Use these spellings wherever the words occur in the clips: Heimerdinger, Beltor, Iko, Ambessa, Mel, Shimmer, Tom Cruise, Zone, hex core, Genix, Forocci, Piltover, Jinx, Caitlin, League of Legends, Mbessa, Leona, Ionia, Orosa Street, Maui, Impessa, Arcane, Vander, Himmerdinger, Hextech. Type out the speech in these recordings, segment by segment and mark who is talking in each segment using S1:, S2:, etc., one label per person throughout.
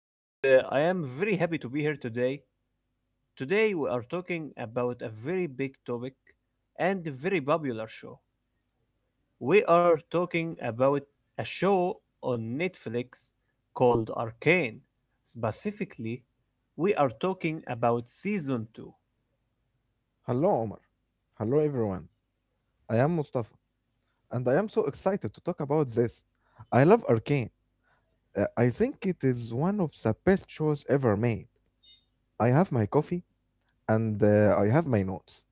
S1: and I am very happy to be here today. Today, we are talking about a very big topic and a very popular show. We are talking about a show on Netflix called Arcane. Specifically, we are talking about season 2.
S2: Hello, Omar. Hello, everyone. I am Mustafa, and I am so excited to talk about this. I love Arcane. I think it is one of the best shows ever made. I have my coffee, and I have my notes,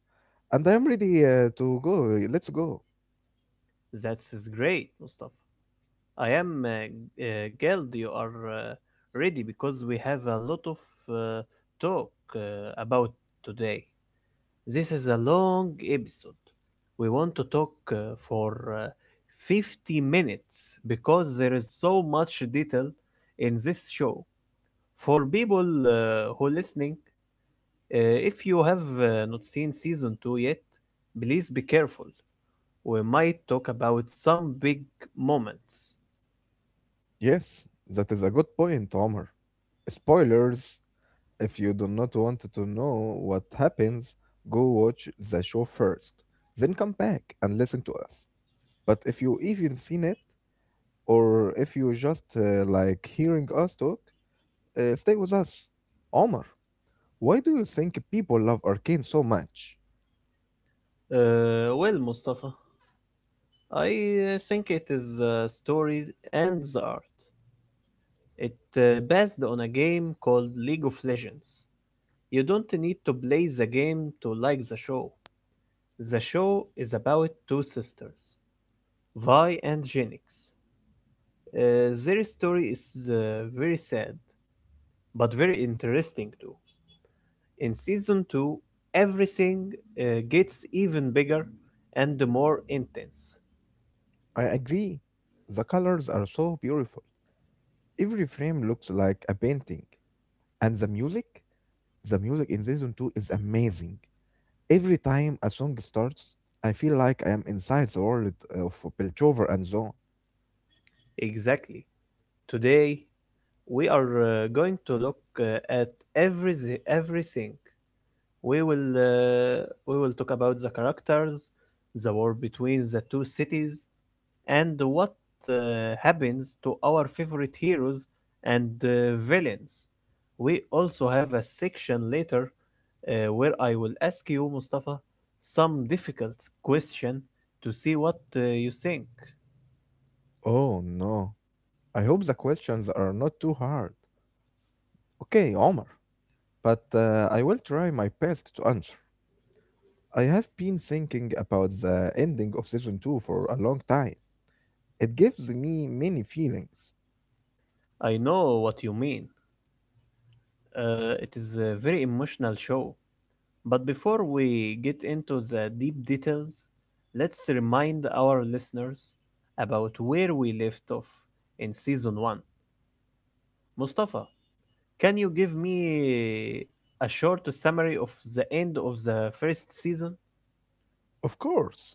S2: and I am ready to go. Let's go.
S1: That's great, Mustafa. I am glad you are ready because we have a lot of uh, talk uh, about today. This is a long episode. We want to talk for 50 minutes because there is so much detail in this show. For people who listening, if you have not seen season 2 yet, please be careful. We might talk about some big moments.
S2: Yes, that is a good point, Omar. Spoilers! If you do not want to know what happens, go watch the show first, then come back and listen to us. But if you even seen it, or if you just like hearing us talk, stay with us. Omar, why do you think people love Arcane so much?
S1: Well, Mustafa, I think it is the story and the art. It based on a game called League of Legends. You don't need to play the game to like the show. The show is about two sisters, Vi and Genix. Their story is very sad, but very interesting too. In season 2, everything gets even bigger and more intense.
S2: I agree. The colors are so beautiful. Every frame looks like a painting. And the music? The music in season 2 is amazing. Every time a song starts, I feel like I am inside the world of Piltover and Zone.
S1: Exactly. Today, we are going to look at every everything. We will talk about the characters, the war between the two cities, and what happens to our favorite heroes and villains. We also have a section later where I will ask you, Mustafa, some difficult question to see what you think.
S2: Oh no. I hope the questions are not too hard. Okay, Omar, but I will try my best to answer. I have been thinking about the ending of season 2 for a long time. It gives me many feelings.
S1: I know what you mean. It is a very emotional show. But before we get into the deep details, let's remind our listeners about where we left off in season one. Mustafa, can you give me a short summary of the end of the first season?
S2: Of course,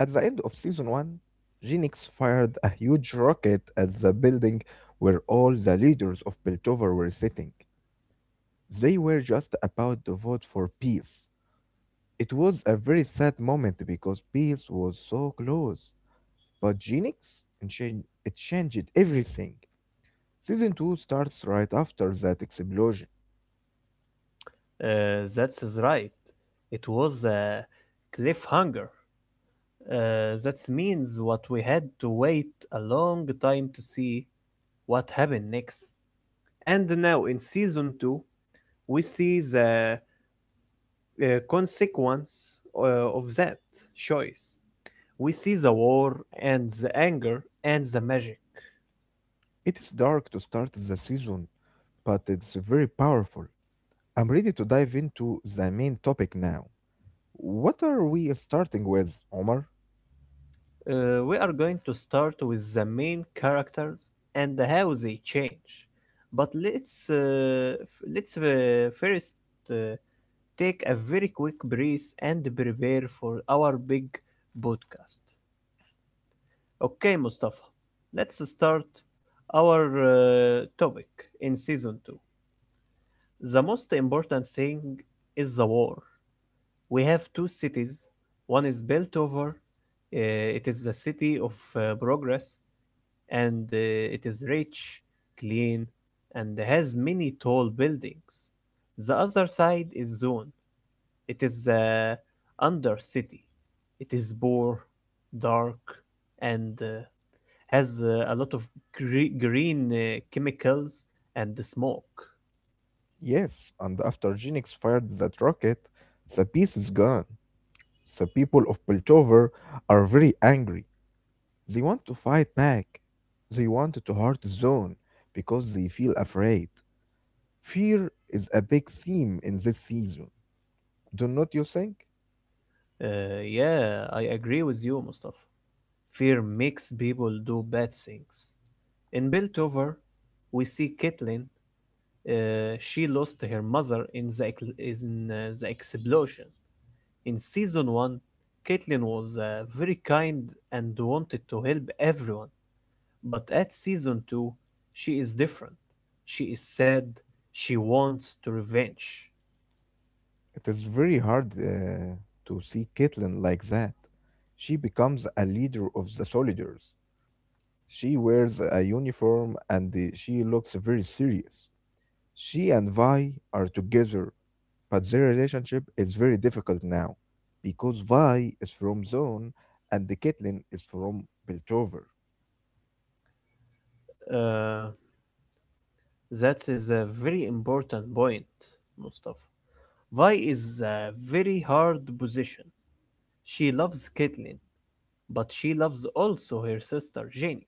S2: at the end of season 1, Genix fired a huge rocket at the building where all the leaders of Piltover were sitting. They were just about to vote for peace. It was a very sad moment because peace was so close. But Genix, it changed everything. Season 2 starts right after that explosion.
S1: Uh, that's is right. It was a cliffhanger. That means what we had to wait a long time to see what happened next. And now in season two, we see the consequence of that choice. We see the war and the anger and the magic.
S2: It is dark to start the season, but it's very powerful. I'm ready to dive into the main topic now. What are we starting with, Omar?
S1: We are going to start with the main characters and how they change. But let's first uh, take a very quick breeze and prepare for our big podcast. Okay, Mustafa, let's start our topic in season 2. The most important thing is the war. We have two cities. One is built over. It is the city of progress, and it is rich, clean, and has many tall buildings. The other side is Zone. It is the under city. It is poor, dark, and has a lot of green chemicals and smoke.
S2: Yes, and after Genix fired that rocket, the peace is gone. The people of Piltover are very angry. They want to fight back. They want to hurt Zone because they feel afraid. Fear is a big theme in this season. Do not you think?
S1: Yeah, I agree with you, Mustafa. Fear makes people do bad things. In Piltover, we see Caitlin. She lost her mother in the ec- in the explosion. In season one, Caitlin was very kind and wanted to help everyone. But at season two, she is different. She is sad. She wants to revenge.
S2: It is very hard to see Caitlyn like that. She becomes a leader of the soldiers. She wears a uniform and she looks very serious. She and Vi are together, but their relationship is very difficult now because Vi is from Zone and the Caitlyn is from Piltover.
S1: Uh, that is a very important point, Mustafa. Vi is a very hard position. She loves Caitlin, but she loves also her sister Jinx.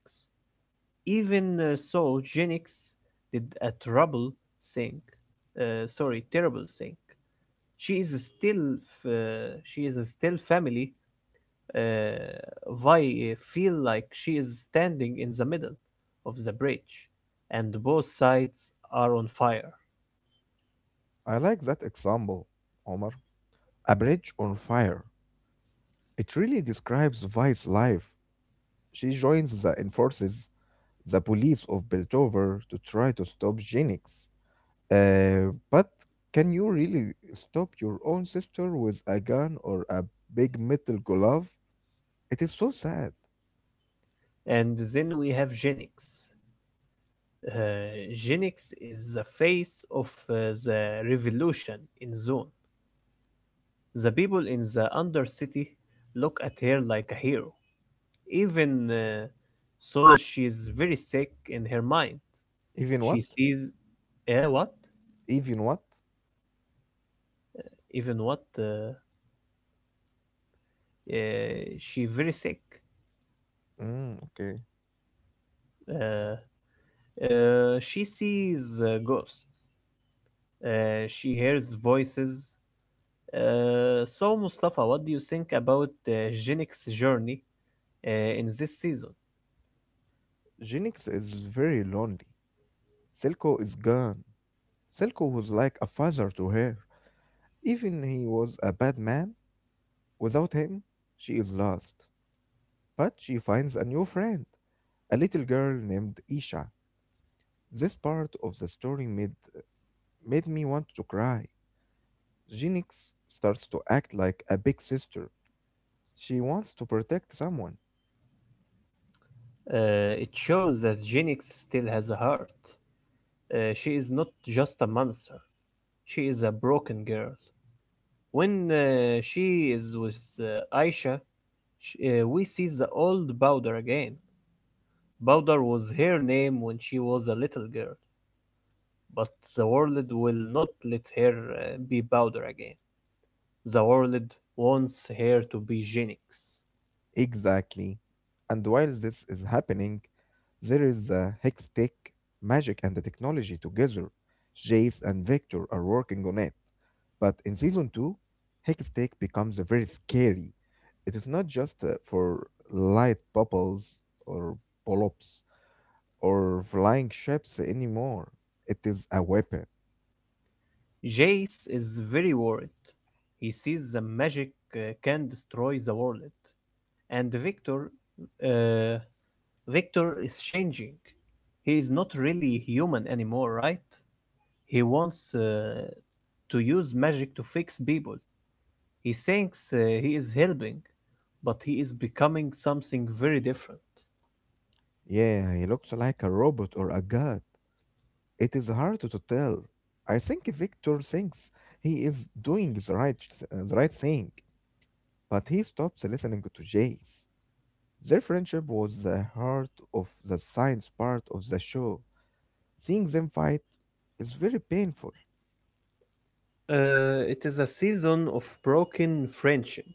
S1: Even so, Jinx did a trouble thing. Sorry, terrible thing. She is still, she is still family. Uh, Vi feel like she is standing in the middle of the bridge, and both sides are on fire.
S2: I like that example, Omar. A bridge on fire. It really describes Vi's life. She joins the enforces the police of Beldover to try to stop Jennings. But can you really stop your own sister with a gun or a big metal glove? It is so sad.
S1: And then we have Jinx. Uh, Genix is the face of the revolution in Zone. The people in the Undercity look at her like a hero. Even so, she is very sick in her mind.
S2: Even what?
S1: She sees, what?
S2: Even what?
S1: Even what? She very sick.
S2: Mm, okay.
S1: Uh, she sees ghosts. She hears voices. So Mustafa, what do you think about Genix's journey in this season.
S2: Jennings is very lonely. Selko is gone. Selko was like a father to her. Even he was a bad man, without him, she is lost. But she finds a new friend, a little girl named Isha. This part of the story made, made me want to cry. Genix starts to act like a big sister. She wants to protect someone.
S1: It shows that Jinx still has a heart. She is not just a monster, she is a broken girl. When she is with Aisha, sh we see the old Bowder again. Bowder was her name when she was a little girl, but the world will not let her be Bowder again. The world wants her to be Jinx.
S2: Exactly. And while this is happening, there is a hex tech, magic, and the technology together. Jace and Victor are working on it. But in season 2, Hextech becomes very scary. It is not just for light bubbles or polyps. Or flying ships anymore. It is a weapon.
S1: Jace is very worried. He sees the magic can destroy the world, and Victor, uh, Victor is changing. He is not really human anymore, right? He wants to use magic to fix people. He thinks he is helping, but he is becoming something very different.
S2: Yeah, he looks like a robot or a god. It is hard to tell. I think Victor thinks he is doing the right thing, but he stops listening to Jace. Their friendship was the heart of the science part of the show. Seeing them fight is very painful.
S1: It is a season of broken friendship.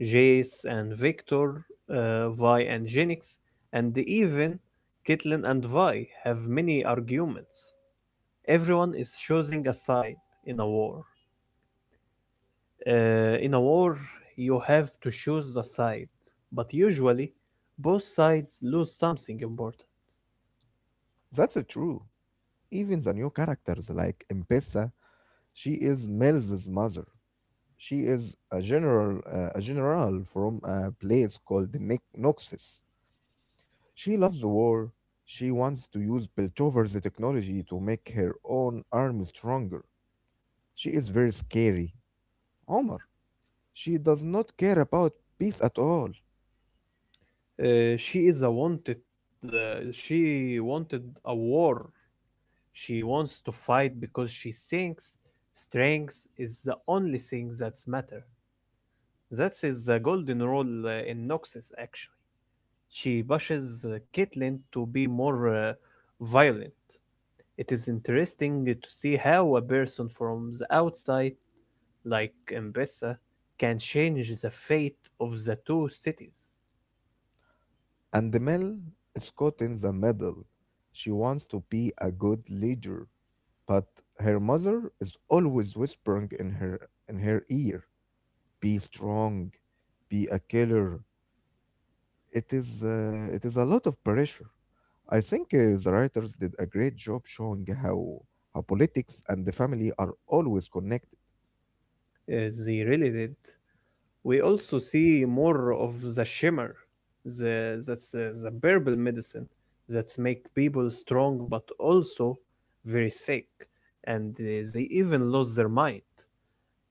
S1: Jace and Victor, Vi and Jinx, and even Caitlyn and Vi have many arguments. Everyone is choosing a side in a war. In a war, you have to choose a side, but usually both sides lose something important.
S2: That's true. Even the new characters like Impessa, she is Mel's mother. She is a general from a place called Noxus. She loves war. She wants to use Piltover's technology to make her own army stronger. She is very scary, Omar. She does not care about peace at all.
S1: She is a wanted. She wanted a war. She wants to fight because she thinks strength is the only thing that's matter. That's his golden rule in Noxus, actually. She pushes Caitlyn to be more violent. It is interesting to see how a person from the outside, like Mbessa, can change the fate of the two cities.
S2: And Mel is caught in the middle. She wants to be a good leader, but her mother is always whispering in her ear, "Be strong, be a killer, it is a lot of pressure. I think the writers did a great job showing how politics and the family are always connected.
S1: They really did. We also see more of the shimmer, that's the purple medicine that's make people strong but also very sick, and they even lose their mind.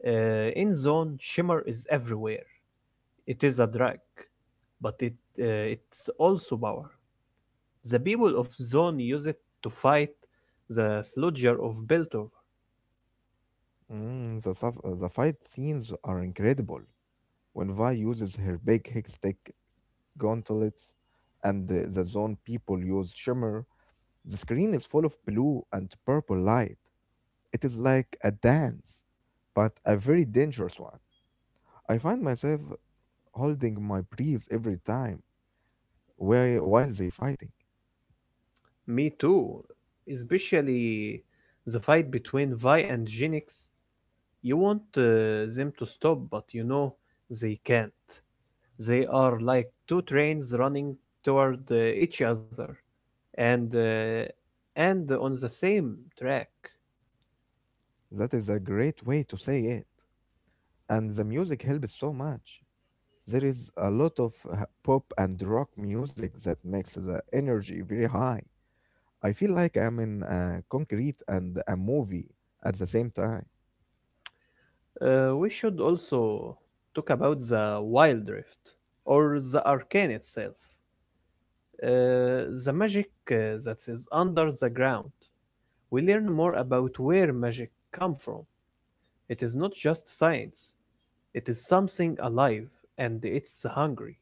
S1: In Zone, Shimmer is everywhere. It is a drag, but it's also power. The people of Zone use it to fight the sludger of Beltor.
S2: The fight scenes are incredible. When Vi uses her big hickstick gauntlets and the zone people use shimmer, the screen is full of blue and purple light. It is like a dance, but a very dangerous one. I find myself holding my breath every time while they fighting.
S1: Me too. Especially the fight between Vi and Genix. You want them to stop, but you know they can't. They are like two trains running toward each other, and uh, and on the same track.
S2: That is a great way to say it. And the music helps so much. There is a lot of pop and rock music that makes the energy very high. I feel like I'm in a concrete and a movie at the same time.
S1: We should also talk about the Wild Rift or the Arcane itself, uh, the magic that is under the ground. We learn more about where magic come from. It is not just science; it is something alive and it's hungry.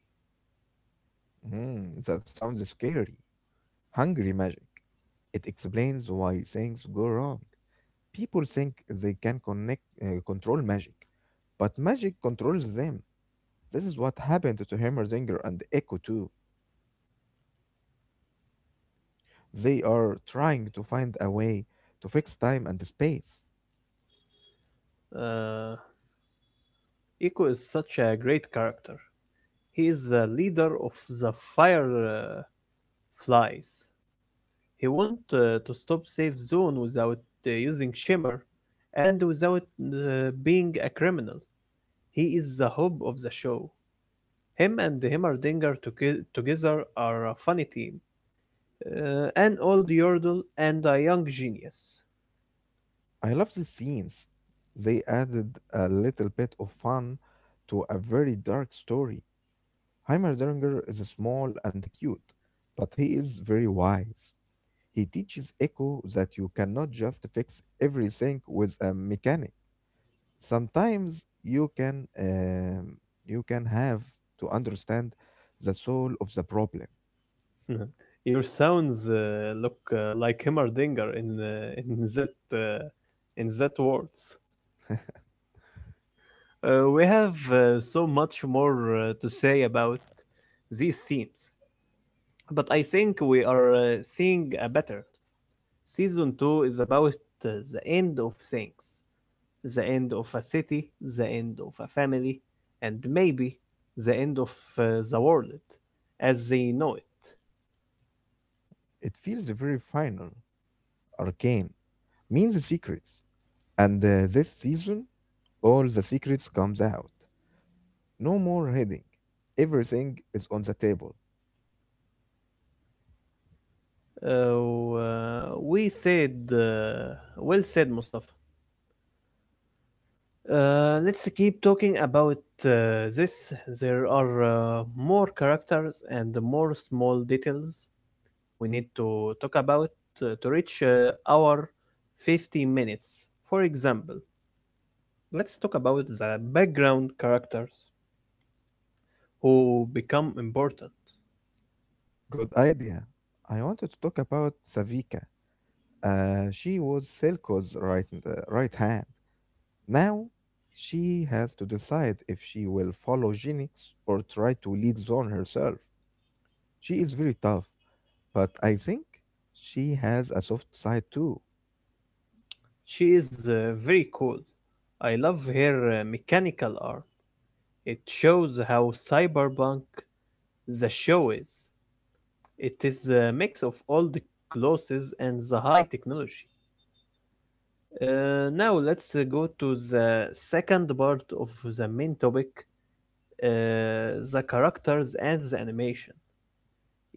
S2: Hmm, that sounds scary. Hungry magic. It explains why things go wrong. People think they can control magic, but magic controls them. This is what happened to Hammerzinger and Echo too. They are trying to find a way to fix time and space.
S1: Uh, Iko is such a great character. He is the leader of the fireflies. He wanted to stop safe zone without using Shimmer and without being a criminal. He is the hope of the show. Him and Himmerdinger together are a funny team. An old yodel and a young genius.
S2: I love the scenes. They added a little bit of fun to a very dark story. Heimerdinger is small and cute, but he is very wise. He teaches Echo that you cannot just fix everything with a mechanic. Sometimes you can have to understand the soul of the problem.
S1: Mhm. Your sounds look like Himmerdinger in that uh, in that words. We have so much more to say about these themes, but I think we are seeing a better. Season 2 is about the end of things, the end of a city, the end of a family, and maybe the end of the world as they know it.
S2: It feels very final, arcane, means secrets. And this season, all the secrets comes out. No more hiding. Everything is on the table.
S1: We said, well said, Mustafa. Let's keep talking about this. There are more characters and more small details we need to talk about to reach our 50 minutes. For example, let's talk about the background characters who become important.
S2: Good idea. I wanted to talk about Savika. She was Selko's right hand. Now, she has to decide if she will follow Genix or try to lead Zorn herself. She is very tough, but I think she has a soft side too.
S1: She is very cool. I love her mechanical arm. It shows how cyberpunk the show is. It is a mix of old clothes and the high technology. Now let's go to the second part of the main topic, the characters and the animation.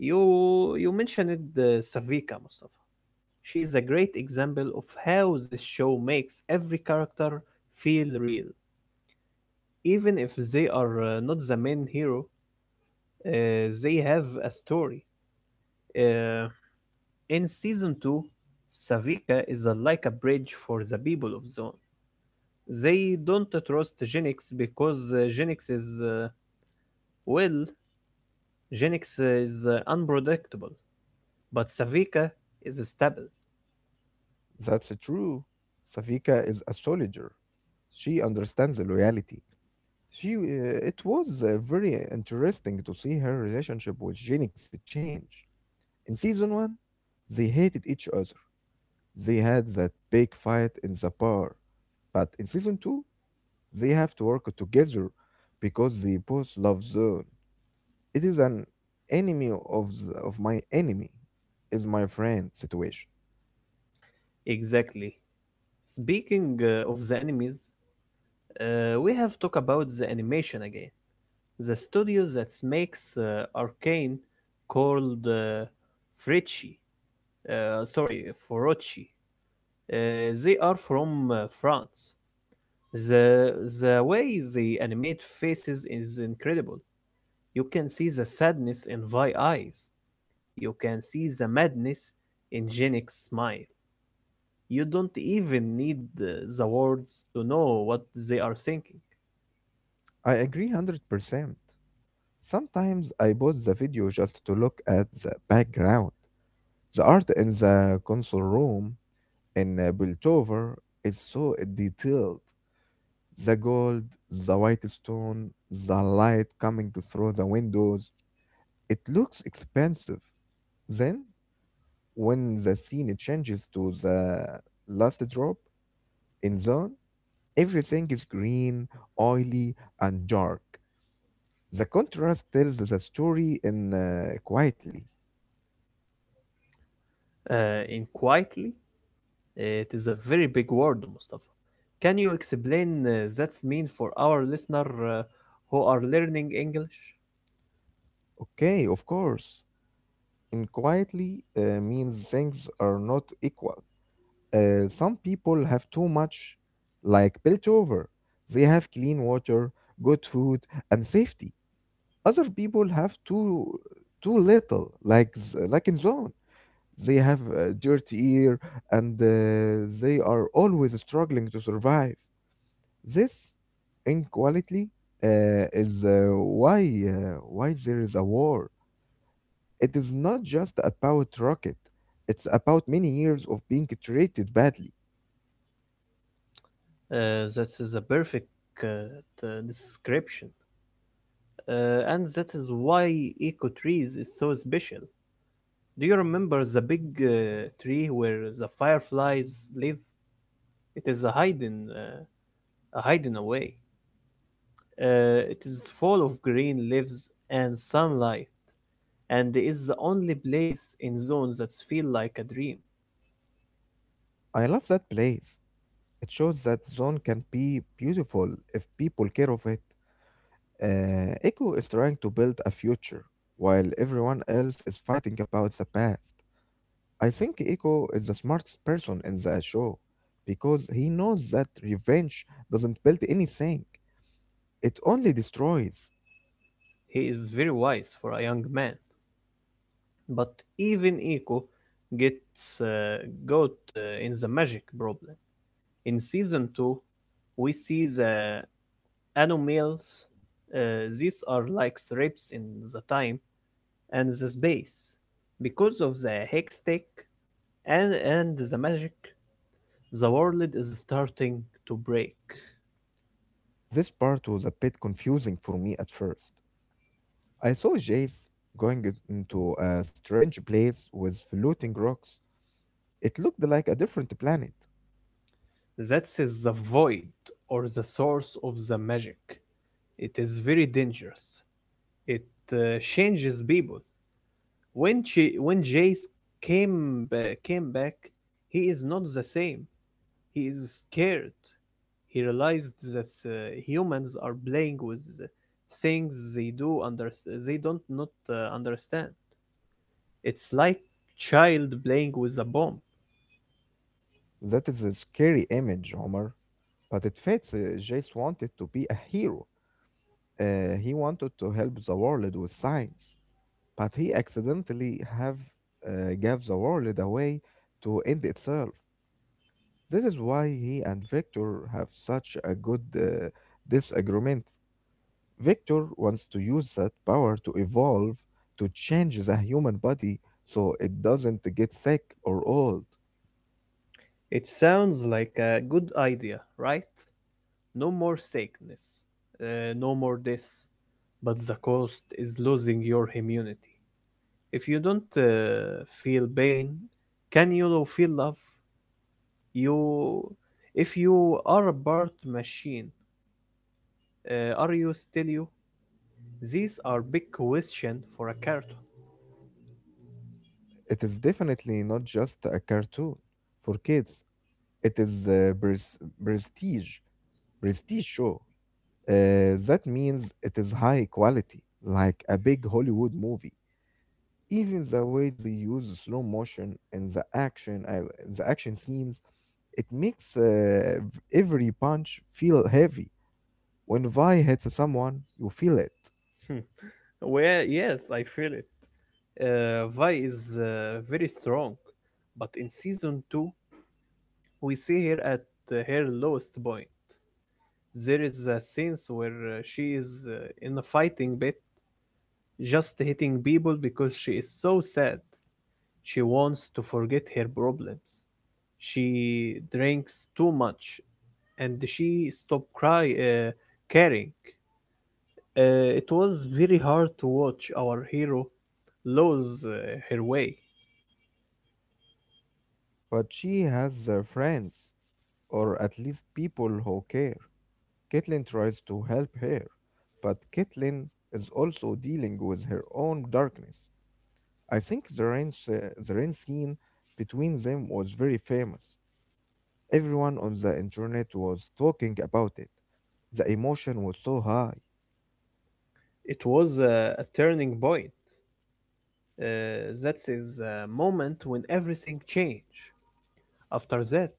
S1: You mentioned Savika, Mustafa. She is a great example of how this show makes every character feel real, even if they are not the main hero. They have a story. Uh, in season two, Savika is like a bridge for the people of Zone. They don't trust Genix because Genix is well, Genix is unpredictable. But Savika is stable.
S2: That's true. Safika is a soldier. She understands the loyalty. It was very interesting to see her relationship with Genix change. In season one, they hated each other. They had that big fight in the bar. But in season two, they have to work together because they both love Zone. It is an of my enemy is my friend situation.
S1: Exactly. Speaking of the enemies, we have talked about the animation again. The studio that makes Arcane called Frecci, uh, sorry, Forocci. They are from France. The the way they animate faces is incredible. You can see the sadness in Vi eyes. You can see the madness in Jenix's smile. You don't even need the words to know what they are thinking.
S2: I agree 100%. Sometimes I pause the video just to look at the background. The art in the console room in Piltover is so detailed. The gold, the white stone, the light coming through the windows. It looks expensive. Then, when the scene changes to the last drop in zone, everything is green, oily, and dark. The contrast tells the story in quietly.
S1: In quietly, it is a very big word, Mustafa. Can you explain that's mean for our listener who are learning English?
S2: Okay, of course. And quietly means things are not equal. Some people have too much, like built over. They have clean water, good food, and safety. Other people have too little, like like in zone. They have a dirty air, and they are always struggling to survive. This inequality is why there is a war. It is not just about Rocket, it's about many years of being treated badly.
S1: That is a perfect uh, description, and that is why eco trees is so special. Do you remember the big tree where the fireflies live? It is a hidden away. It is full of green leaves and sunlight, and is the only place in zone that feels like a dream.
S2: I love that place. It shows that Zone can be beautiful if people care of it. Echo is trying to build a future, while everyone else is fighting about the past. I think Echo is the smartest person in the show because he knows that revenge doesn't build anything, it only destroys.
S1: He is very wise for a young man. But even Eco gets got in the magic problem. In season two, we see the anomalies. These are like strips in the time and the space. Because of the hextech and the magic, the world is starting to break.
S2: This part was a bit confusing for me at first. I saw Jace into a strange place with floating rocks. It looked like a different planet.
S1: That's the void or the source of the magic. It is very dangerous. It changes people. When Jace came back, he is not the same. He is scared. He realized that humans are playing with things they do under they don't not understand. It's like child playing with a bomb.
S2: That is a scary image, Homer. But it fits. Jace wanted to be a hero. He wanted to help the world with science. But he accidentally have gave the world away to end itself. This is why he and Victor have such a good disagreement. Victor wants to use that power to evolve, to change the human body so it doesn't get sick or old.
S1: It sounds like a good idea, right? No more sickness, no more this, but the cost is losing your immunity. If you don't feel pain, can you feel love? You, if you are a birth machine, are you still you? These are big questions for a cartoon.
S2: It is definitely not just a cartoon for kids. It is a prestige, prestige show. That means it is high quality, like a big Hollywood movie. Even the way they use the slow motion in the action scenes, it makes every punch feel heavy. When Vi hits someone, you feel it.
S1: Hmm. Well, yes, I feel it. Vi is very strong, but in season two, we see her at her lowest point. There is a scenes where she is in a fighting bit, just hitting people because she is so sad. She wants to forget her problems. She drinks too much, and she stopped cry caring. It was very hard to watch our hero lose her way.
S2: But she has friends, or at least people who care. Caitlin tries to help her, but Caitlin is also dealing with her own darkness. I think the rain scene between them was very famous. Everyone on the internet was talking about it. The emotion was so high.
S1: It was a turning point. That is a moment when everything changed. After that,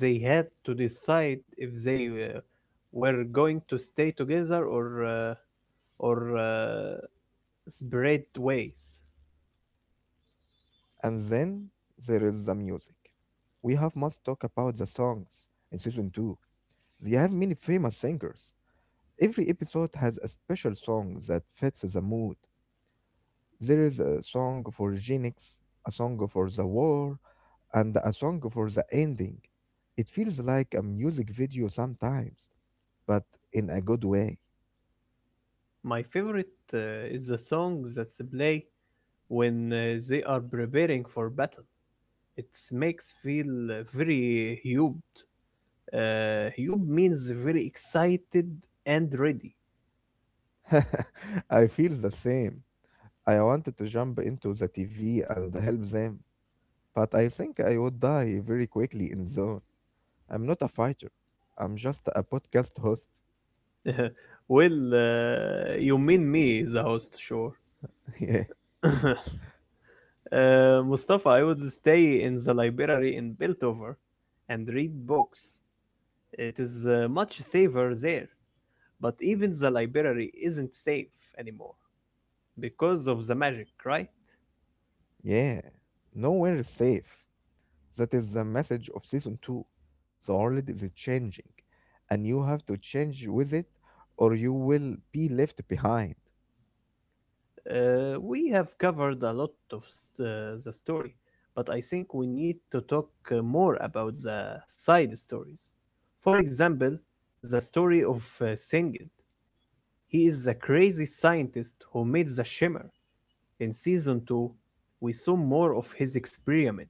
S1: they had to decide if they were going to stay together or spread ways.
S2: And then there is the music. We have must talk about the songs in season 2. They have many famous singers. Every episode has a special song that fits the mood. There is a song for Genix, a song for the war, and a song for the ending. It feels like a music video sometimes but in a good way.
S1: My favorite is the song that's play when they are preparing for battle. It makes feel very hyped. Hyped means very excited and ready.
S2: I feel the same. I wanted to jump into the TV and help them, but I think I would die very quickly in zone. I'm not a fighter. I'm just a podcast host.
S1: Well, you mean me, the host, sure.
S2: Yeah.
S1: Mustafa, I would stay in the library in Piltover and read books. It is much safer there. But even the library isn't safe anymore because of the magic, right?
S2: Yeah. Nowhere is safe. That is the message of season two. The world is changing, and you have to change with it, or you will be left behind.
S1: We have covered a lot of the story, but I think we need to talk more about the side stories. For example, the story of Singed. He is the crazy scientist who made the shimmer. In season 2, we saw more of his experiment.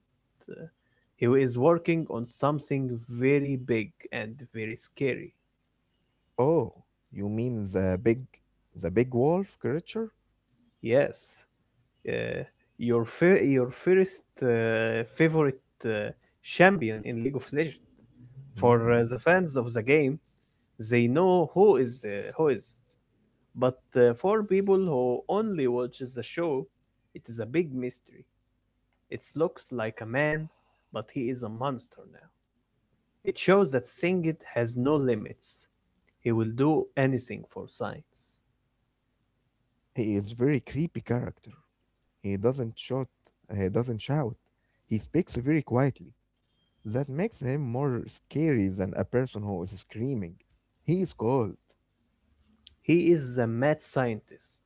S1: Uh, He is working on something very big and very scary.
S2: Oh, you mean the big wolf creature?
S1: Yes. Uh, your first favorite champion in League of Legends. For
S2: Hmm.
S1: the fans of the game, they know who is who is. But for people who only watches the show, it is a big mystery. It looks like a man, but he is a monster now. It shows that Singed has no limits. He will do anything for science.
S2: He is very creepy character. He doesn't shout. He doesn't shout. He speaks very quietly. That makes him more scary than a person who is screaming. He is cold.
S1: He is a mad scientist,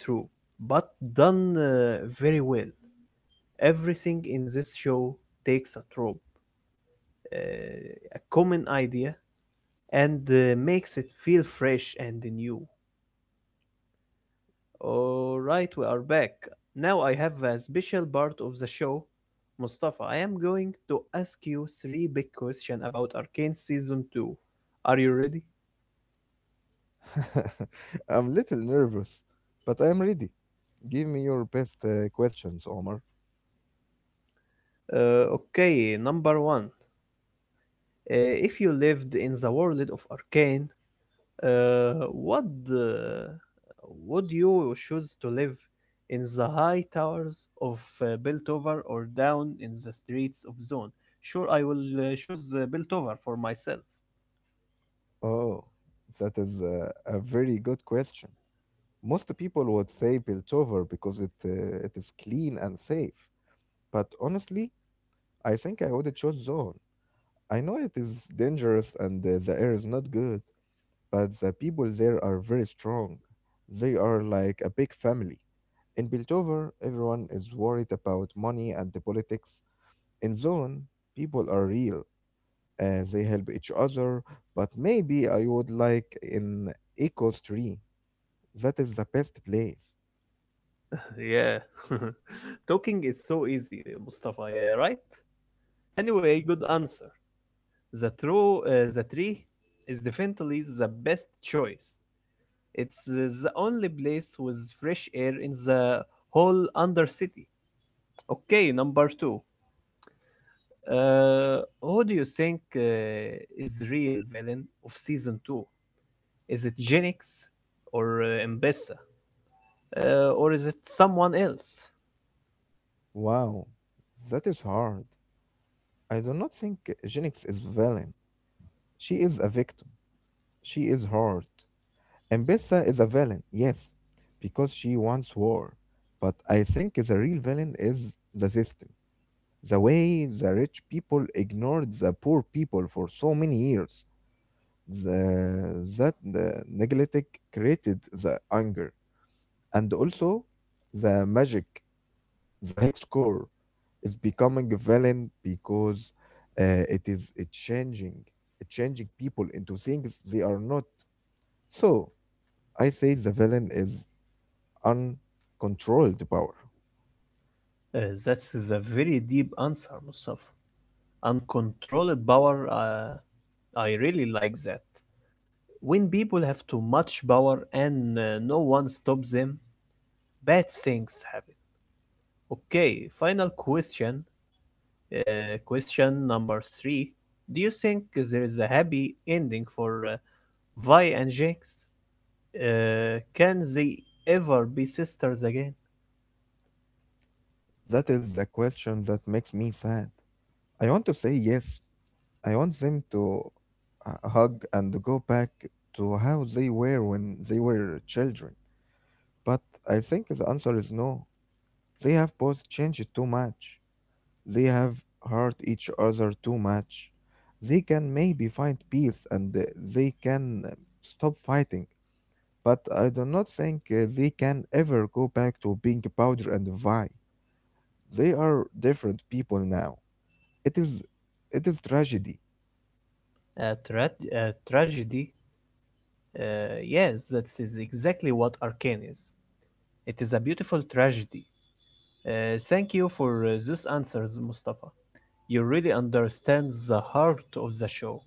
S1: true, but done very well. Everything in this show takes a trope, a common idea, and makes it feel fresh and new. All right, we are back. Now I have a special part of the show. Mustafa, I am going to ask you three big questions about Arcane Season 2. Are you ready?
S2: I'm little nervous, but I'm ready. Give me your best questions, Omar.
S1: Okay, number one. If you lived in the world of Arcane, what uh, would you choose, to live in the high towers of Biltover or down in the streets of Zone? Sure, I will choose Biltover for myself.
S2: Oh, that is a very good question. Most people would say Piltover because it is clean and safe, but honestly, I think I would choose Zone. I know it is dangerous and the air is not good, but the people there are very strong. They are like a big family. In Piltover, everyone is worried about money and the politics. In Zone, people are real and they help each other, but maybe I would like in Echoes 3. That is the best place.
S1: Yeah. Talking is so easy, Mustafa, yeah, right? Anyway, good answer. The true the tree is definitely the best choice. It's The only place with fresh air in the whole undercity. Okay, number two. Who do you think is the real villain of season two? Is it Genix or Mbessa? Or is it someone else?
S2: Wow, that is hard. I do not think Genix is villain. She is a victim. She is hurt. And Bessa is a villain, yes, because she wants war. But I think the real villain is the system. The way the rich people ignored the poor people for so many years. The, that the neglected created the anger, and also the magic, the hex core is becoming villain because it is it changing people into things they are not. So I say the villain is uncontrolled power.
S1: That's a very deep answer, Mustafa. Uncontrolled power. I really like that. When people have too much power and no one stops them, bad things happen. Okay, final question. Question number three. Do you think there is a happy ending for Vi and Jinx? Can they ever be sisters again?
S2: That is the question that makes me sad. I want to say yes. I want them to hug and go back to how they were when they were children. But I think the answer is no. They have both changed too much. They have hurt each other too much. They can maybe find peace, and they can stop fighting. But I do not think they can ever go back to being Powder and Vi. They are different people now. It is, it is tragedy.
S1: A, a tragedy? Uh, yes, that is exactly what Arcane is. It is a beautiful tragedy. Thank you for those answers, Mustafa. You really understand the heart of the show.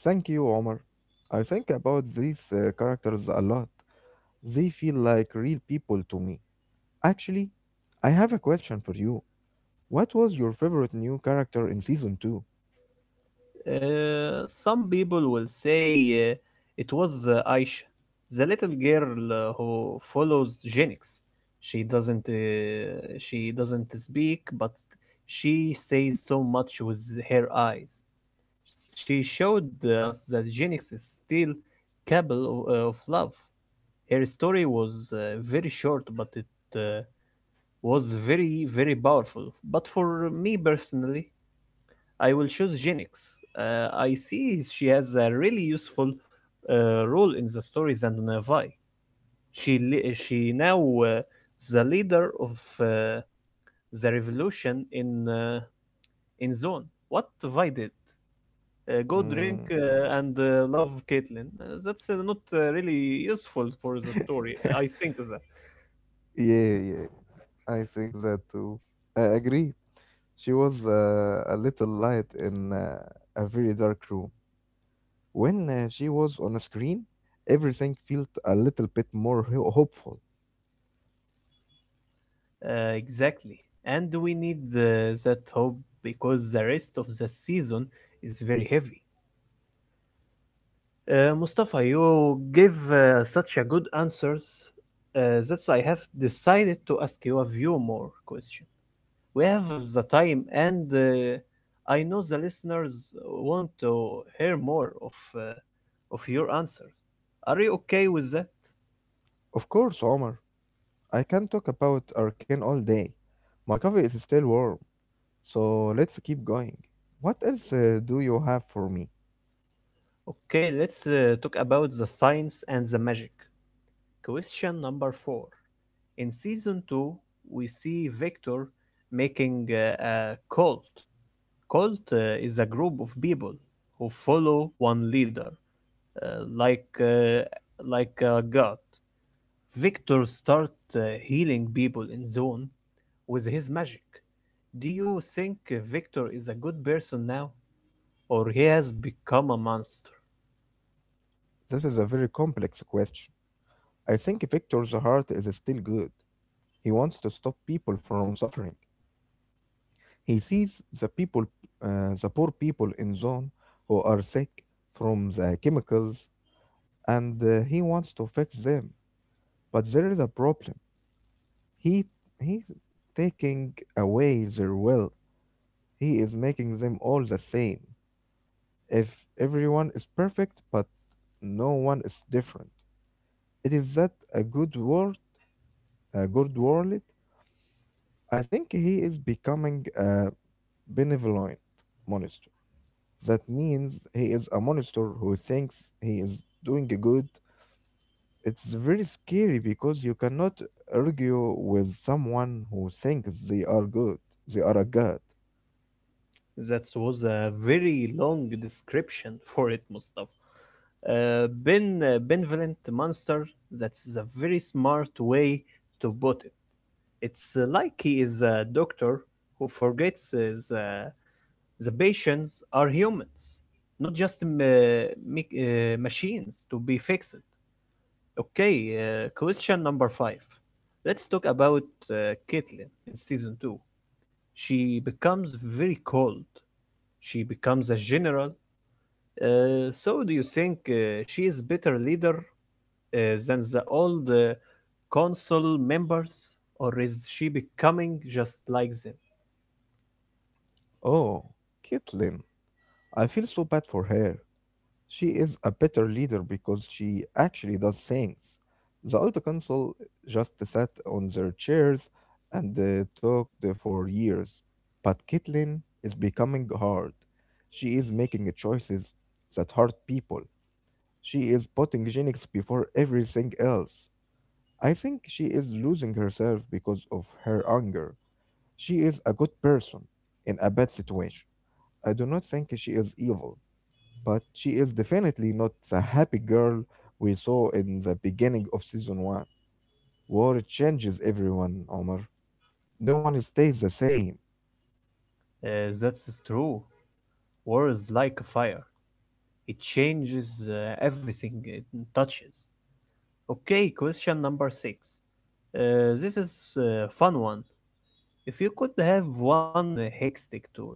S2: Thank you, Omar. I think about these characters a lot. They feel like real people to me. Actually, I have a question for you. What was your favorite new character in season 2?
S1: Some people will say uh, it was Aisha, the little girl who follows Genix. She doesn't speak, but she says so much with her eyes. She showed us that Genix is still capable of love. Her story was very short, but it uh, was very very powerful. But for me personally, I will choose Genix. I see she has a really useful role in the stories and Navai. She now the leader of uh, the revolution in Zone. What Vi did? Go drink
S2: Mm.
S1: and love Caitlyn. That's not really useful for the story. I think that
S2: Yeah, yeah, I think that too. I agree. She was a little light in a very dark room. When she was on a screen, everything felt a little bit more hopeful.
S1: exactly. And we need that hope because the rest of the season is very heavy. Mustafa, you give such a good answers that I have decided to ask you a few more questions. We have the time, and I know the listeners want to hear more of your answers. Are you okay with that?
S2: Of course, Omar. I can talk about Arcane all day. My coffee is still warm, so let's keep going. What else do you have for me?
S1: Okay, let's talk about the science and the magic. Question number four. In season two, we see Victor making a cult. Cult is a group of people who follow one leader, uh, like uh, like a god. Victor start uh, healing people in zone with his magic. Do you think Victor is a good person now, or he has become a monster?
S2: This is a very complex question. I think Victor's heart is still good. He wants to stop people from suffering. He sees the people, the poor people in zone who are sick from the chemicals, and he wants to fix them. But there is a problem. He he's taking away their will. He is making them all the same. If everyone is perfect but no one is different, it is that a good world, a good world. I think he is becoming a benevolent monster. That means he is a monster who thinks he is doing good. It's very scary because you cannot argue with someone who thinks they are good. They are a god.
S1: That was a very long description for it, Mustafa. Benevolent monster. That is a very smart way to put it. It's like he is a doctor who forgets the patients are humans, not just machines to be fixed. Okay, question number five. Let's talk about Caitlin in season two. She becomes very cold. She becomes a general. So, do you think she is better leader than the old council members, or is she becoming just like them?
S2: Oh, Caitlin, I feel so bad for her. She is a better leader because she actually does things. The old council just sat on their chairs and talked for years. But Caitlin is becoming hard. She is making choices that hurt people. She is putting genetics before everything else. I think she is losing herself because of her anger. She is a good person in a bad situation. I do not think she is evil, but she is definitely not the happy girl we saw in the beginning of season one. War changes everyone, Omar. No one stays the same.
S1: That's true. War is like a fire. It changes everything it touches. Okay, question number six. This is a fun one. If you could have one hextech tool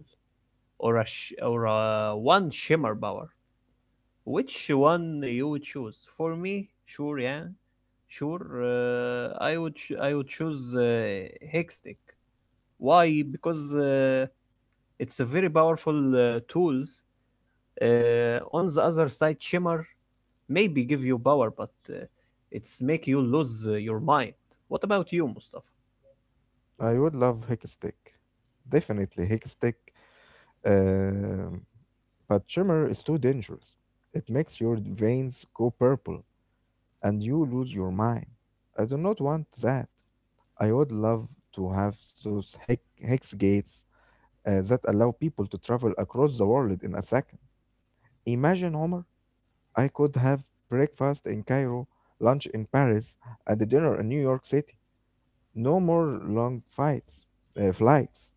S1: or a sh- or a one shimmer power, which one you would choose? For me, sure, yeah, sure. Uh, I would choose hextech. Why? Because it's a very powerful tools. On the other side, Shimmer maybe give you power, but it's make you lose your mind. What about you, Mustafa?
S2: I would love Hickstick. Definitely Hickstick. Um, but Shimmer is too dangerous. It makes your veins go purple and you lose your mind. I do not want that. I would love to have those hex gates that allow people to travel across the world in a second. Imagine, Omar, I could have breakfast in Cairo, lunch in Paris, and a dinner in New York City. No more long flights,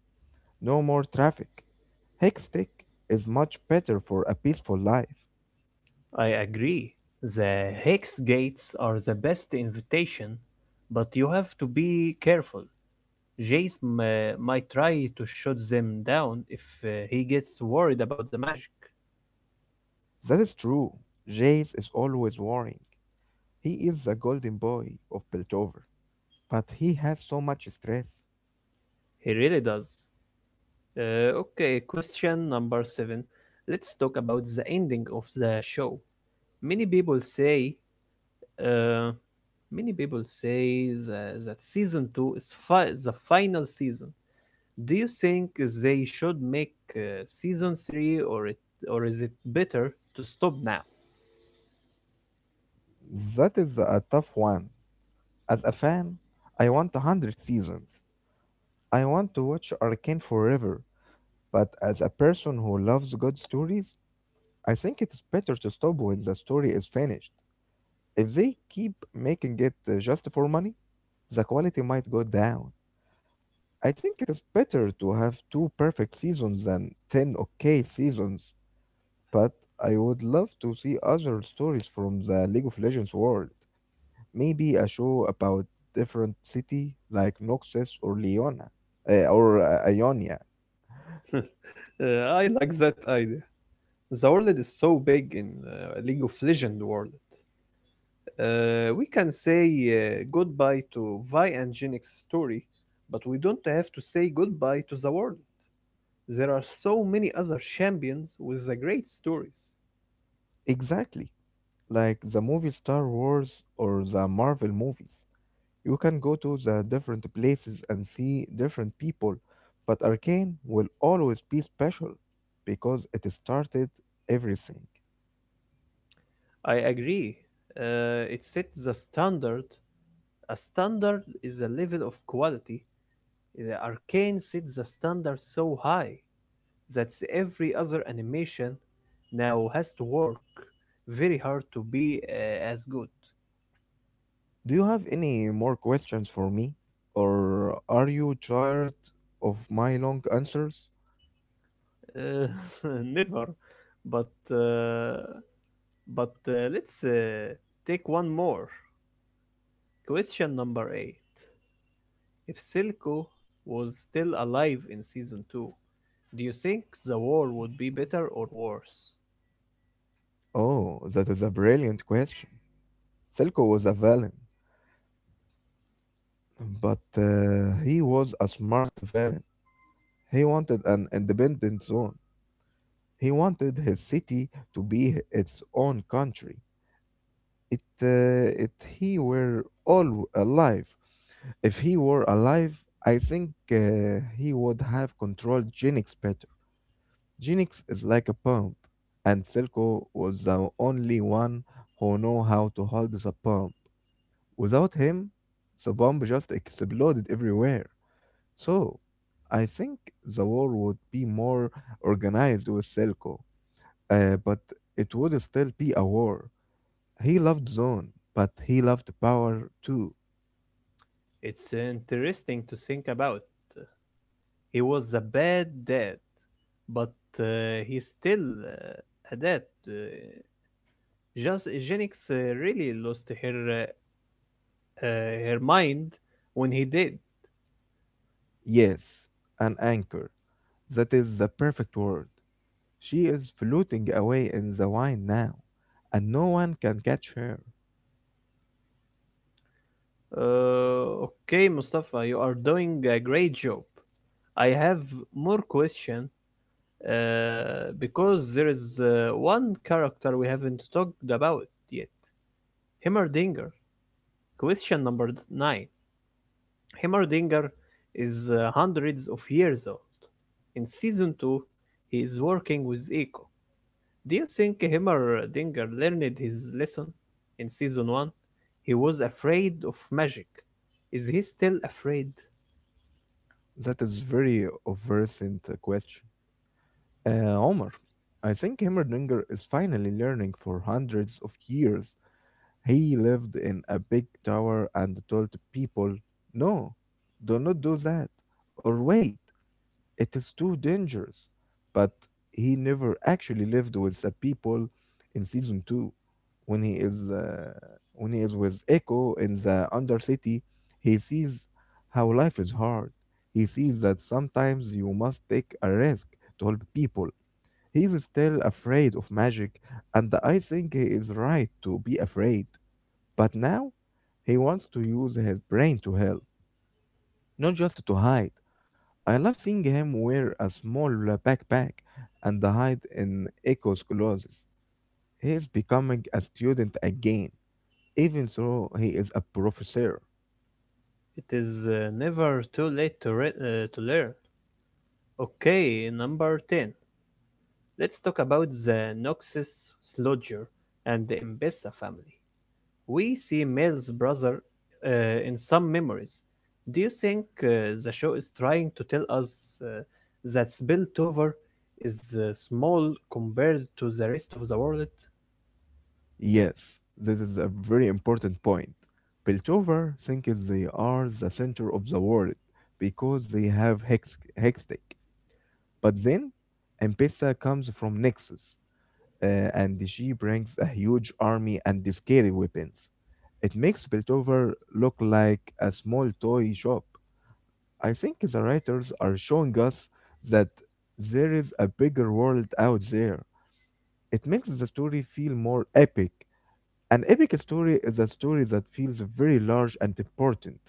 S2: no more traffic. Hextech is much better for a peaceful life.
S1: I agree. The hex gates are the best invitation, but you have to be careful. Jace might try to shoot them down if he gets worried about the magic.
S2: That is true. Jace is always worrying. He is the golden boy of Piltover, but he has so much stress.
S1: He really does. Okay, question number seven. Let's talk about the ending of the show. Many people say uh, Many people say that season two is the final season. Do you think they should make season three, or is it better to stop now?
S2: That is a tough one. As a fan, I want a hundred seasons. I want to watch Arcane forever. But as a person who loves good stories, I think it's better to stop when the story is finished. If they keep making it just for money, the quality might go down. I think it is better to have two perfect seasons than 10 okay seasons. But I would love to see other stories from the League of Legends world. Maybe a show about different city like Noxus or Leona or Ionia.
S1: I like that idea. The world is so big in League of Legends world. We can say goodbye to Vi and Jinx's story, but we don't have to say goodbye to the world. There are so many other champions with the great stories.
S2: Exactly, like the movie Star Wars or the Marvel movies. You can go to the different places and see different people, but Arcane will always be special because it started everything.
S1: I agree. It sets the standard. A standard is a level of quality. The Arcane sets the standard so high that every other animation now has to work very hard to be as good.
S2: Do you have any more questions for me? Or are you tired of my long answers?
S1: Uh, Never. But uh, but let's take one more. Question number eight. If Silco was still alive in season two, do you think the war would be better or worse?
S2: Oh, that is a brilliant question. Silco was a villain, but he was a smart villain. He wanted an independent zone. He wanted his city to be its own country. It he were all alive. If he were alive, I think he would have controlled Genix better. Genix is like a pump, and Silco was the only one who know how to hold the pump. Without him, the bomb just exploded everywhere. So, I think the war would be more organized with Silco, but it would still be a war. He loved zone, but he loved power too.
S1: It's interesting to think about. He was a bad dad, but he's still uh, a dad. Just Genix really lost her her mind when he did.
S2: Yes, an anchor. That is the perfect word. She is floating away in the wine now, and no one can catch her.
S1: Okay, Mustafa, you are doing a great job. I have more questions, because there is one character we haven't talked about yet, Himmerdinger. Question number nine. Himmerdinger is hundreds of years old. In season two, he is working with Eco. Do you think Himmerdinger learned his lesson? In season one, he was afraid of magic. Is he still afraid?
S2: That is very obverse question. Omar, I think Heimerdinger is finally learning for hundreds of years. He lived in a big tower and told people, no, do not do that. Or wait, it is too dangerous. But he never actually lived with the people in season two. When he is uh, when he is with Echo in the Undercity, he sees how life is hard. He sees that sometimes you must take a risk to help people. He is still afraid of magic, and I think he is right to be afraid. But now, he wants to use his brain to help, not just to hide. I love seeing him wear a small backpack and hide in Echo's clothes. He is becoming a student again, even though he is a professor.
S1: It is never too late to, to learn. Okay, number 10. Let's talk about the Noxus Sludger and the Mbessa family. We see Mel's brother in some memories. Do you think the show is trying to tell us that Spiltover is small compared to the rest of the world?
S2: Yes, this is a very important point. Piltover thinks they are the center of the world because they have Hextech. But then, Ambessa comes from Nexus, and she brings a huge army and scary weapons. It makes Piltover look like a small toy shop. I think the writers are showing us that there is a bigger world out there. It makes the story feel more epic. An epic story is a story that feels very large and important.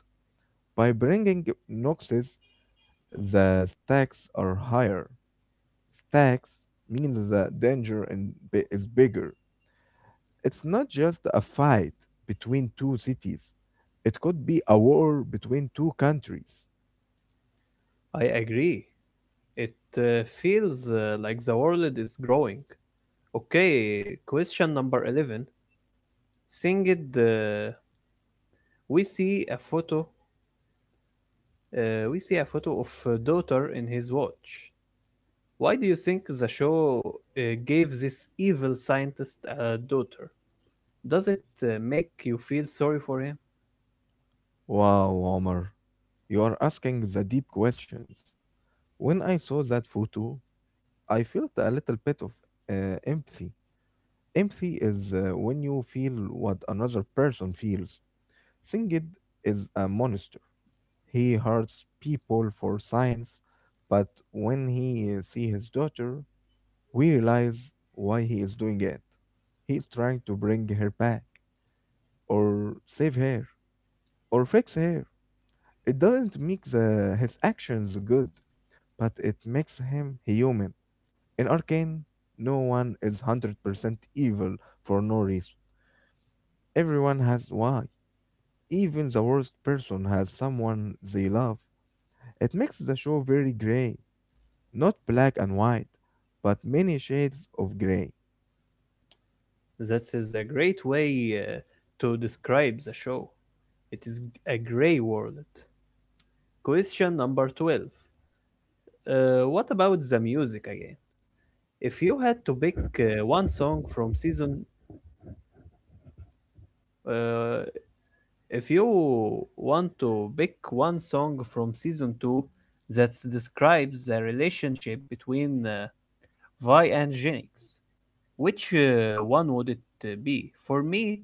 S2: By bringing Noxus, the stakes are higher. Stacks means the danger and is bigger. It's not just a fight between two cities, it could be a war between two countries.
S1: I agree. It feels like the world is growing. Okay, question number 11. Seeing it, we see a photo. We see a photo of a daughter in his watch. Why do you think the show gave this evil scientist a daughter? Does it make you feel sorry for him?
S2: Wow, Omar, you are asking the deep questions. When I saw that photo, I felt a little bit of empathy. Empathy is when you feel what another person feels. Singed is a monster. He hurts people for science, but when he see his daughter, we realize why he is doing it. He is trying to bring her back, or save her, or fix her. It doesn't make the, his actions good, but it makes him human. In Arcane, no one is 100% evil for no reason. Everyone has why. Even the worst person has someone they love. It makes the show very gray, not black and white, but many shades of gray.
S1: That is a great way to describe the show. It is a gray world. Question number 12. What about the music again? If you had to pick one song from season uh, if you want to pick one song from season two that describes the relationship between Vi and Genix, which one would it be? For me,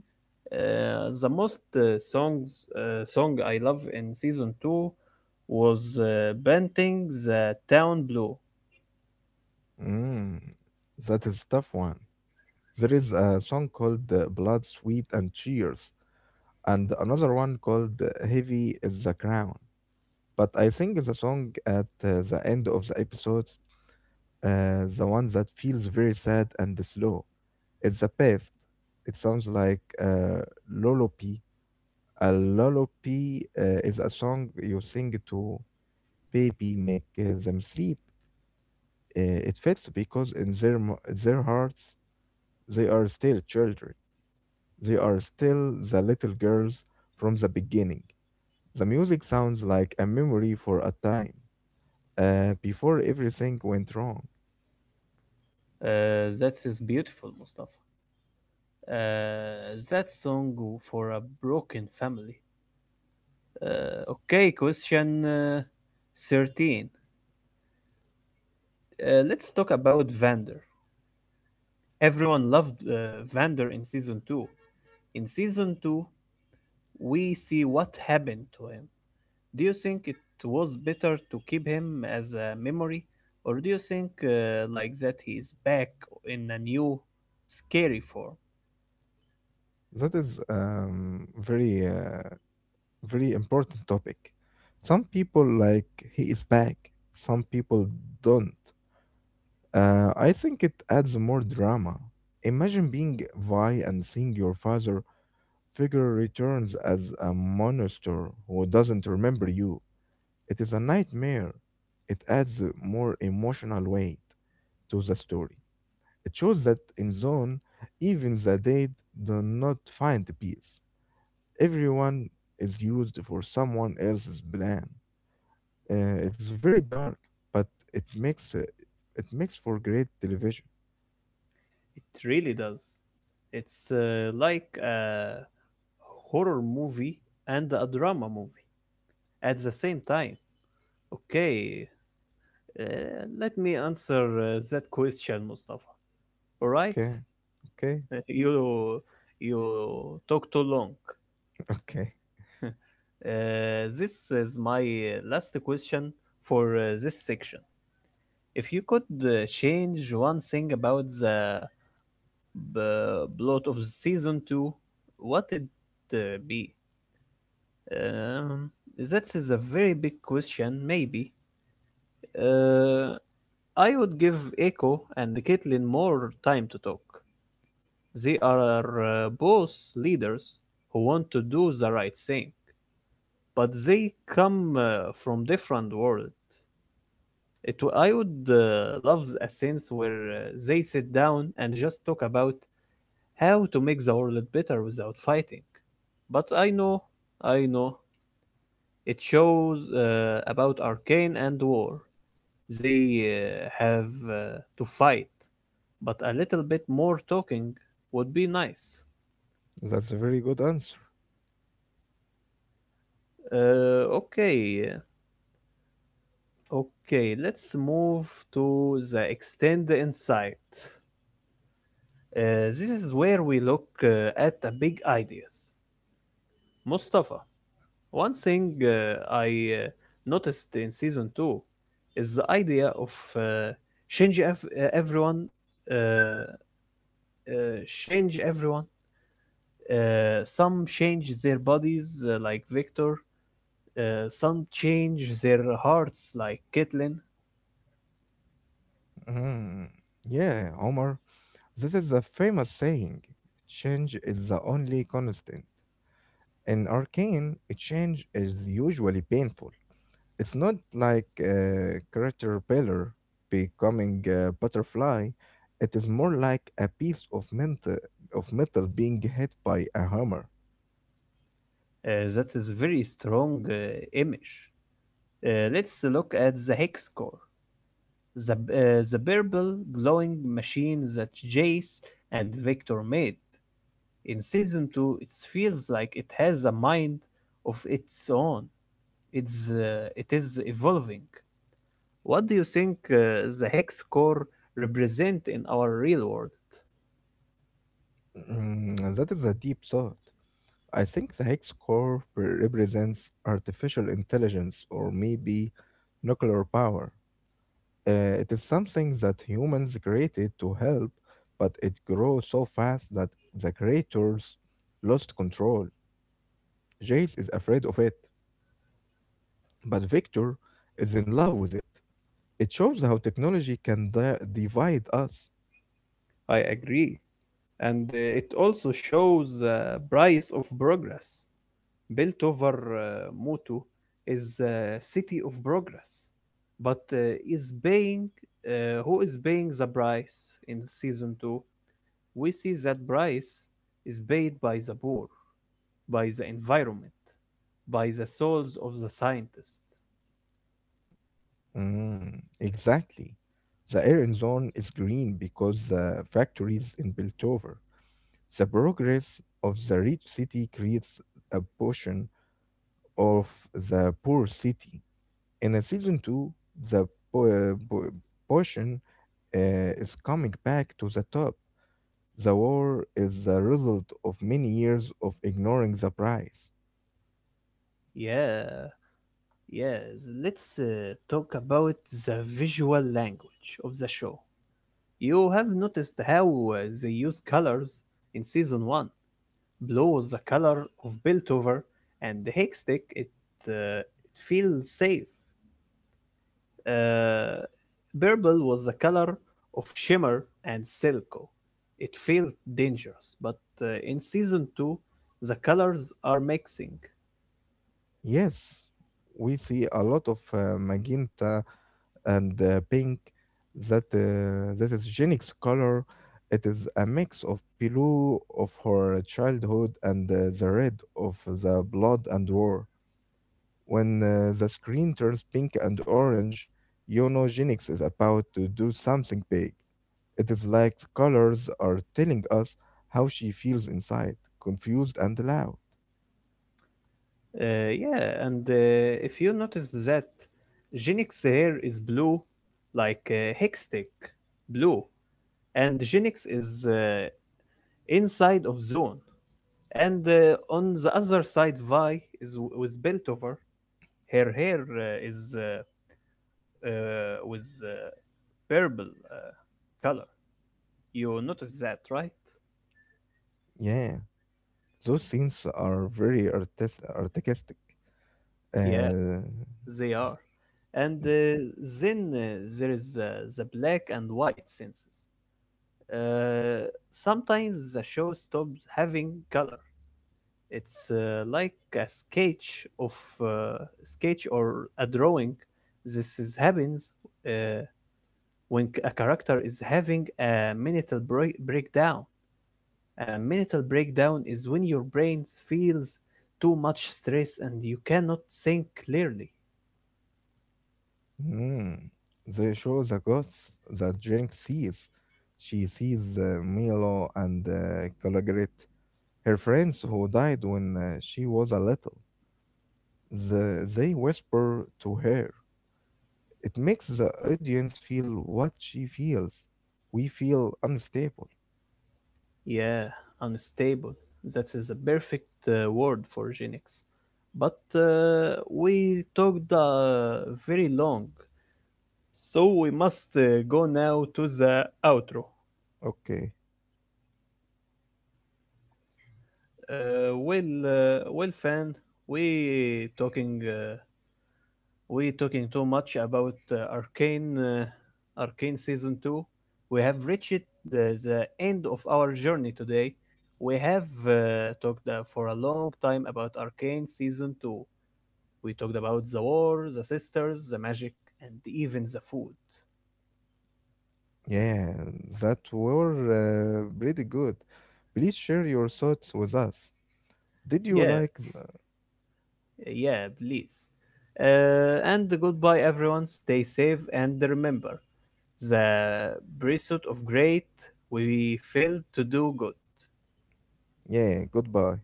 S1: the most songs song I love in season two was Painting the Town Blue.
S2: Mm, that is a tough one. There is a song called Blood, Sweat, and Tears, and another one called Heavy is the Crown. But I think the song at the end of the episode, the one that feels very sad and slow, it's the best. It sounds like a lullaby. A lullaby is a song you sing to baby, make them sleep. Uh, it fits because in their hearts, they are still children. They are still the little girls from the beginning. The music sounds like a memory for a time before everything went wrong.
S1: That is beautiful, Mustafa. That song for a broken family. Uh, okay, question 13. Let's talk about Vander. Everyone loved Vander in season 2. In season 2, we see what happened to him. Do you think it was better to keep him as a memory, or do you think like that he's back in a new scary form?
S2: That is very important topic. Some people like he is back. Some people don't. I think it adds more drama. Imagine being Vi and seeing your father figure returns as a monster who doesn't remember you. It is a nightmare. It adds a more emotional weight to the story. It shows that in Zone, even the dead do not find peace. Everyone is used for someone else's plan. It's very dark, but it makes uh, it makes for great television.
S1: It really does. It's like a horror movie and a drama movie at the same time. Okay, Uh, let me answer that question, Mustafa. All right?
S2: Okay, okay.
S1: You you talk too long.
S2: Okay.
S1: This is my last question for this section. If you could change one thing about the plot of season two, what it be? Um, that is a very big question. Maybe. Uh, I would give Echo and Caitlin more time to talk. They are both leaders who want to do the right thing, but they come from different world. I would love a sense where they sit down and just talk about how to make the world better without fighting. But I know, it shows about Arcane and War. They have to fight, but a little bit more talking would be nice.
S2: That's a very good answer.
S1: Uh, okay, Okay, let's move to the extend insight. This is where we look at the big ideas. Mustafa, one thing I noticed in season two is the idea of uh, change ev- uh, everyone, uh, uh, change everyone. Some change their bodies, like Victor. Some change their hearts, like Caitlin.
S2: Mhm. Yeah, Omar. This is a famous saying. Change is the only constant. In Arcane, a change is usually painful. It's not like a caterpillar becoming a butterfly. It is more like a piece of metal being hit by a hammer.
S1: That is very strong image. Let's look at the hex core, the, uh, the purple glowing machine that Jace and Victor made. In season 2, it feels like it has a mind of its own. It is evolving. What do you think the hex core represent in our real world?
S2: Mm, that is a deep thought. I think the hex core represents artificial intelligence or maybe nuclear power. It is something that humans created to help, but it grew so fast that the creators lost control. Jace is afraid of it, but Victor is in love with it. It shows how technology can divide us.
S1: I agree. And it also shows the price of progress. Built over motto is city of progress, but is paying who is paying the price in season 2. We see that price is paid by the poor, by the environment, by the souls of the scientists.
S2: Mm, exactly. The Iron Zone is green because the factories in Piltover. The progress of the rich city creates a portion of the poor city. In a season two, the po- uh, po- portion is coming back to the top. The war is the result of many years of ignoring the price.
S1: Yeah, yeah, let's talk about the visual language of the show. You have noticed how they use colors in season 1. Blue was the color of Piltover, and the Hextech it it feels safe. Uh, purple was the color of Shimmer and Silco. It felt dangerous, but in season two, the colors are mixing.
S2: Yes, we see a lot of magenta and pink. That this is Jenny's color. It is a mix of blue of her childhood and the red of the blood and war. When the screen turns pink and orange, you know Genix is about to do something big. It is like the colors are telling us how she feels inside, confused and loud.
S1: Yeah, and if you notice that, Genix hair is blue, like Hextech blue, and Genix is inside of Zone. And on the other side, Vi was built over. Her hair is was purple color. You notice that, right?
S2: Yeah, those scenes are very artistic.
S1: Yeah,
S2: Uh,
S1: they are. And then there is the black and white senses. Sometimes the show stops having color. It's like a uh, sketch or a drawing. This is happens uh, when a character is having a breakdown. A mental breakdown is when your brain feels too much stress and you cannot think clearly.
S2: Mm. They show the ghosts that Jinx sees. She sees Milo and Calogrit. Her friends who died when she was a little, the, they whisper to her. It makes the audience feel what she feels. We feel unstable.
S1: Yeah, unstable. That is a perfect word for Genix. But we talked very long, so we must go now to the outro.
S2: Okay.
S1: Well, fan, we talking. Uh, we talking too much about Arcane Season 2. We have reached the end of our journey today. We have talked for a long time about Arcane Season 2. We talked about the war, the sisters, the magic, and even the food.
S2: Yeah, that were pretty good. Please share your thoughts with us. Did you
S1: Yeah,
S2: like?
S1: yeah, please. And goodbye, everyone. Stay safe and remember the pursuit of great we fail to do good.
S2: Yeah, goodbye.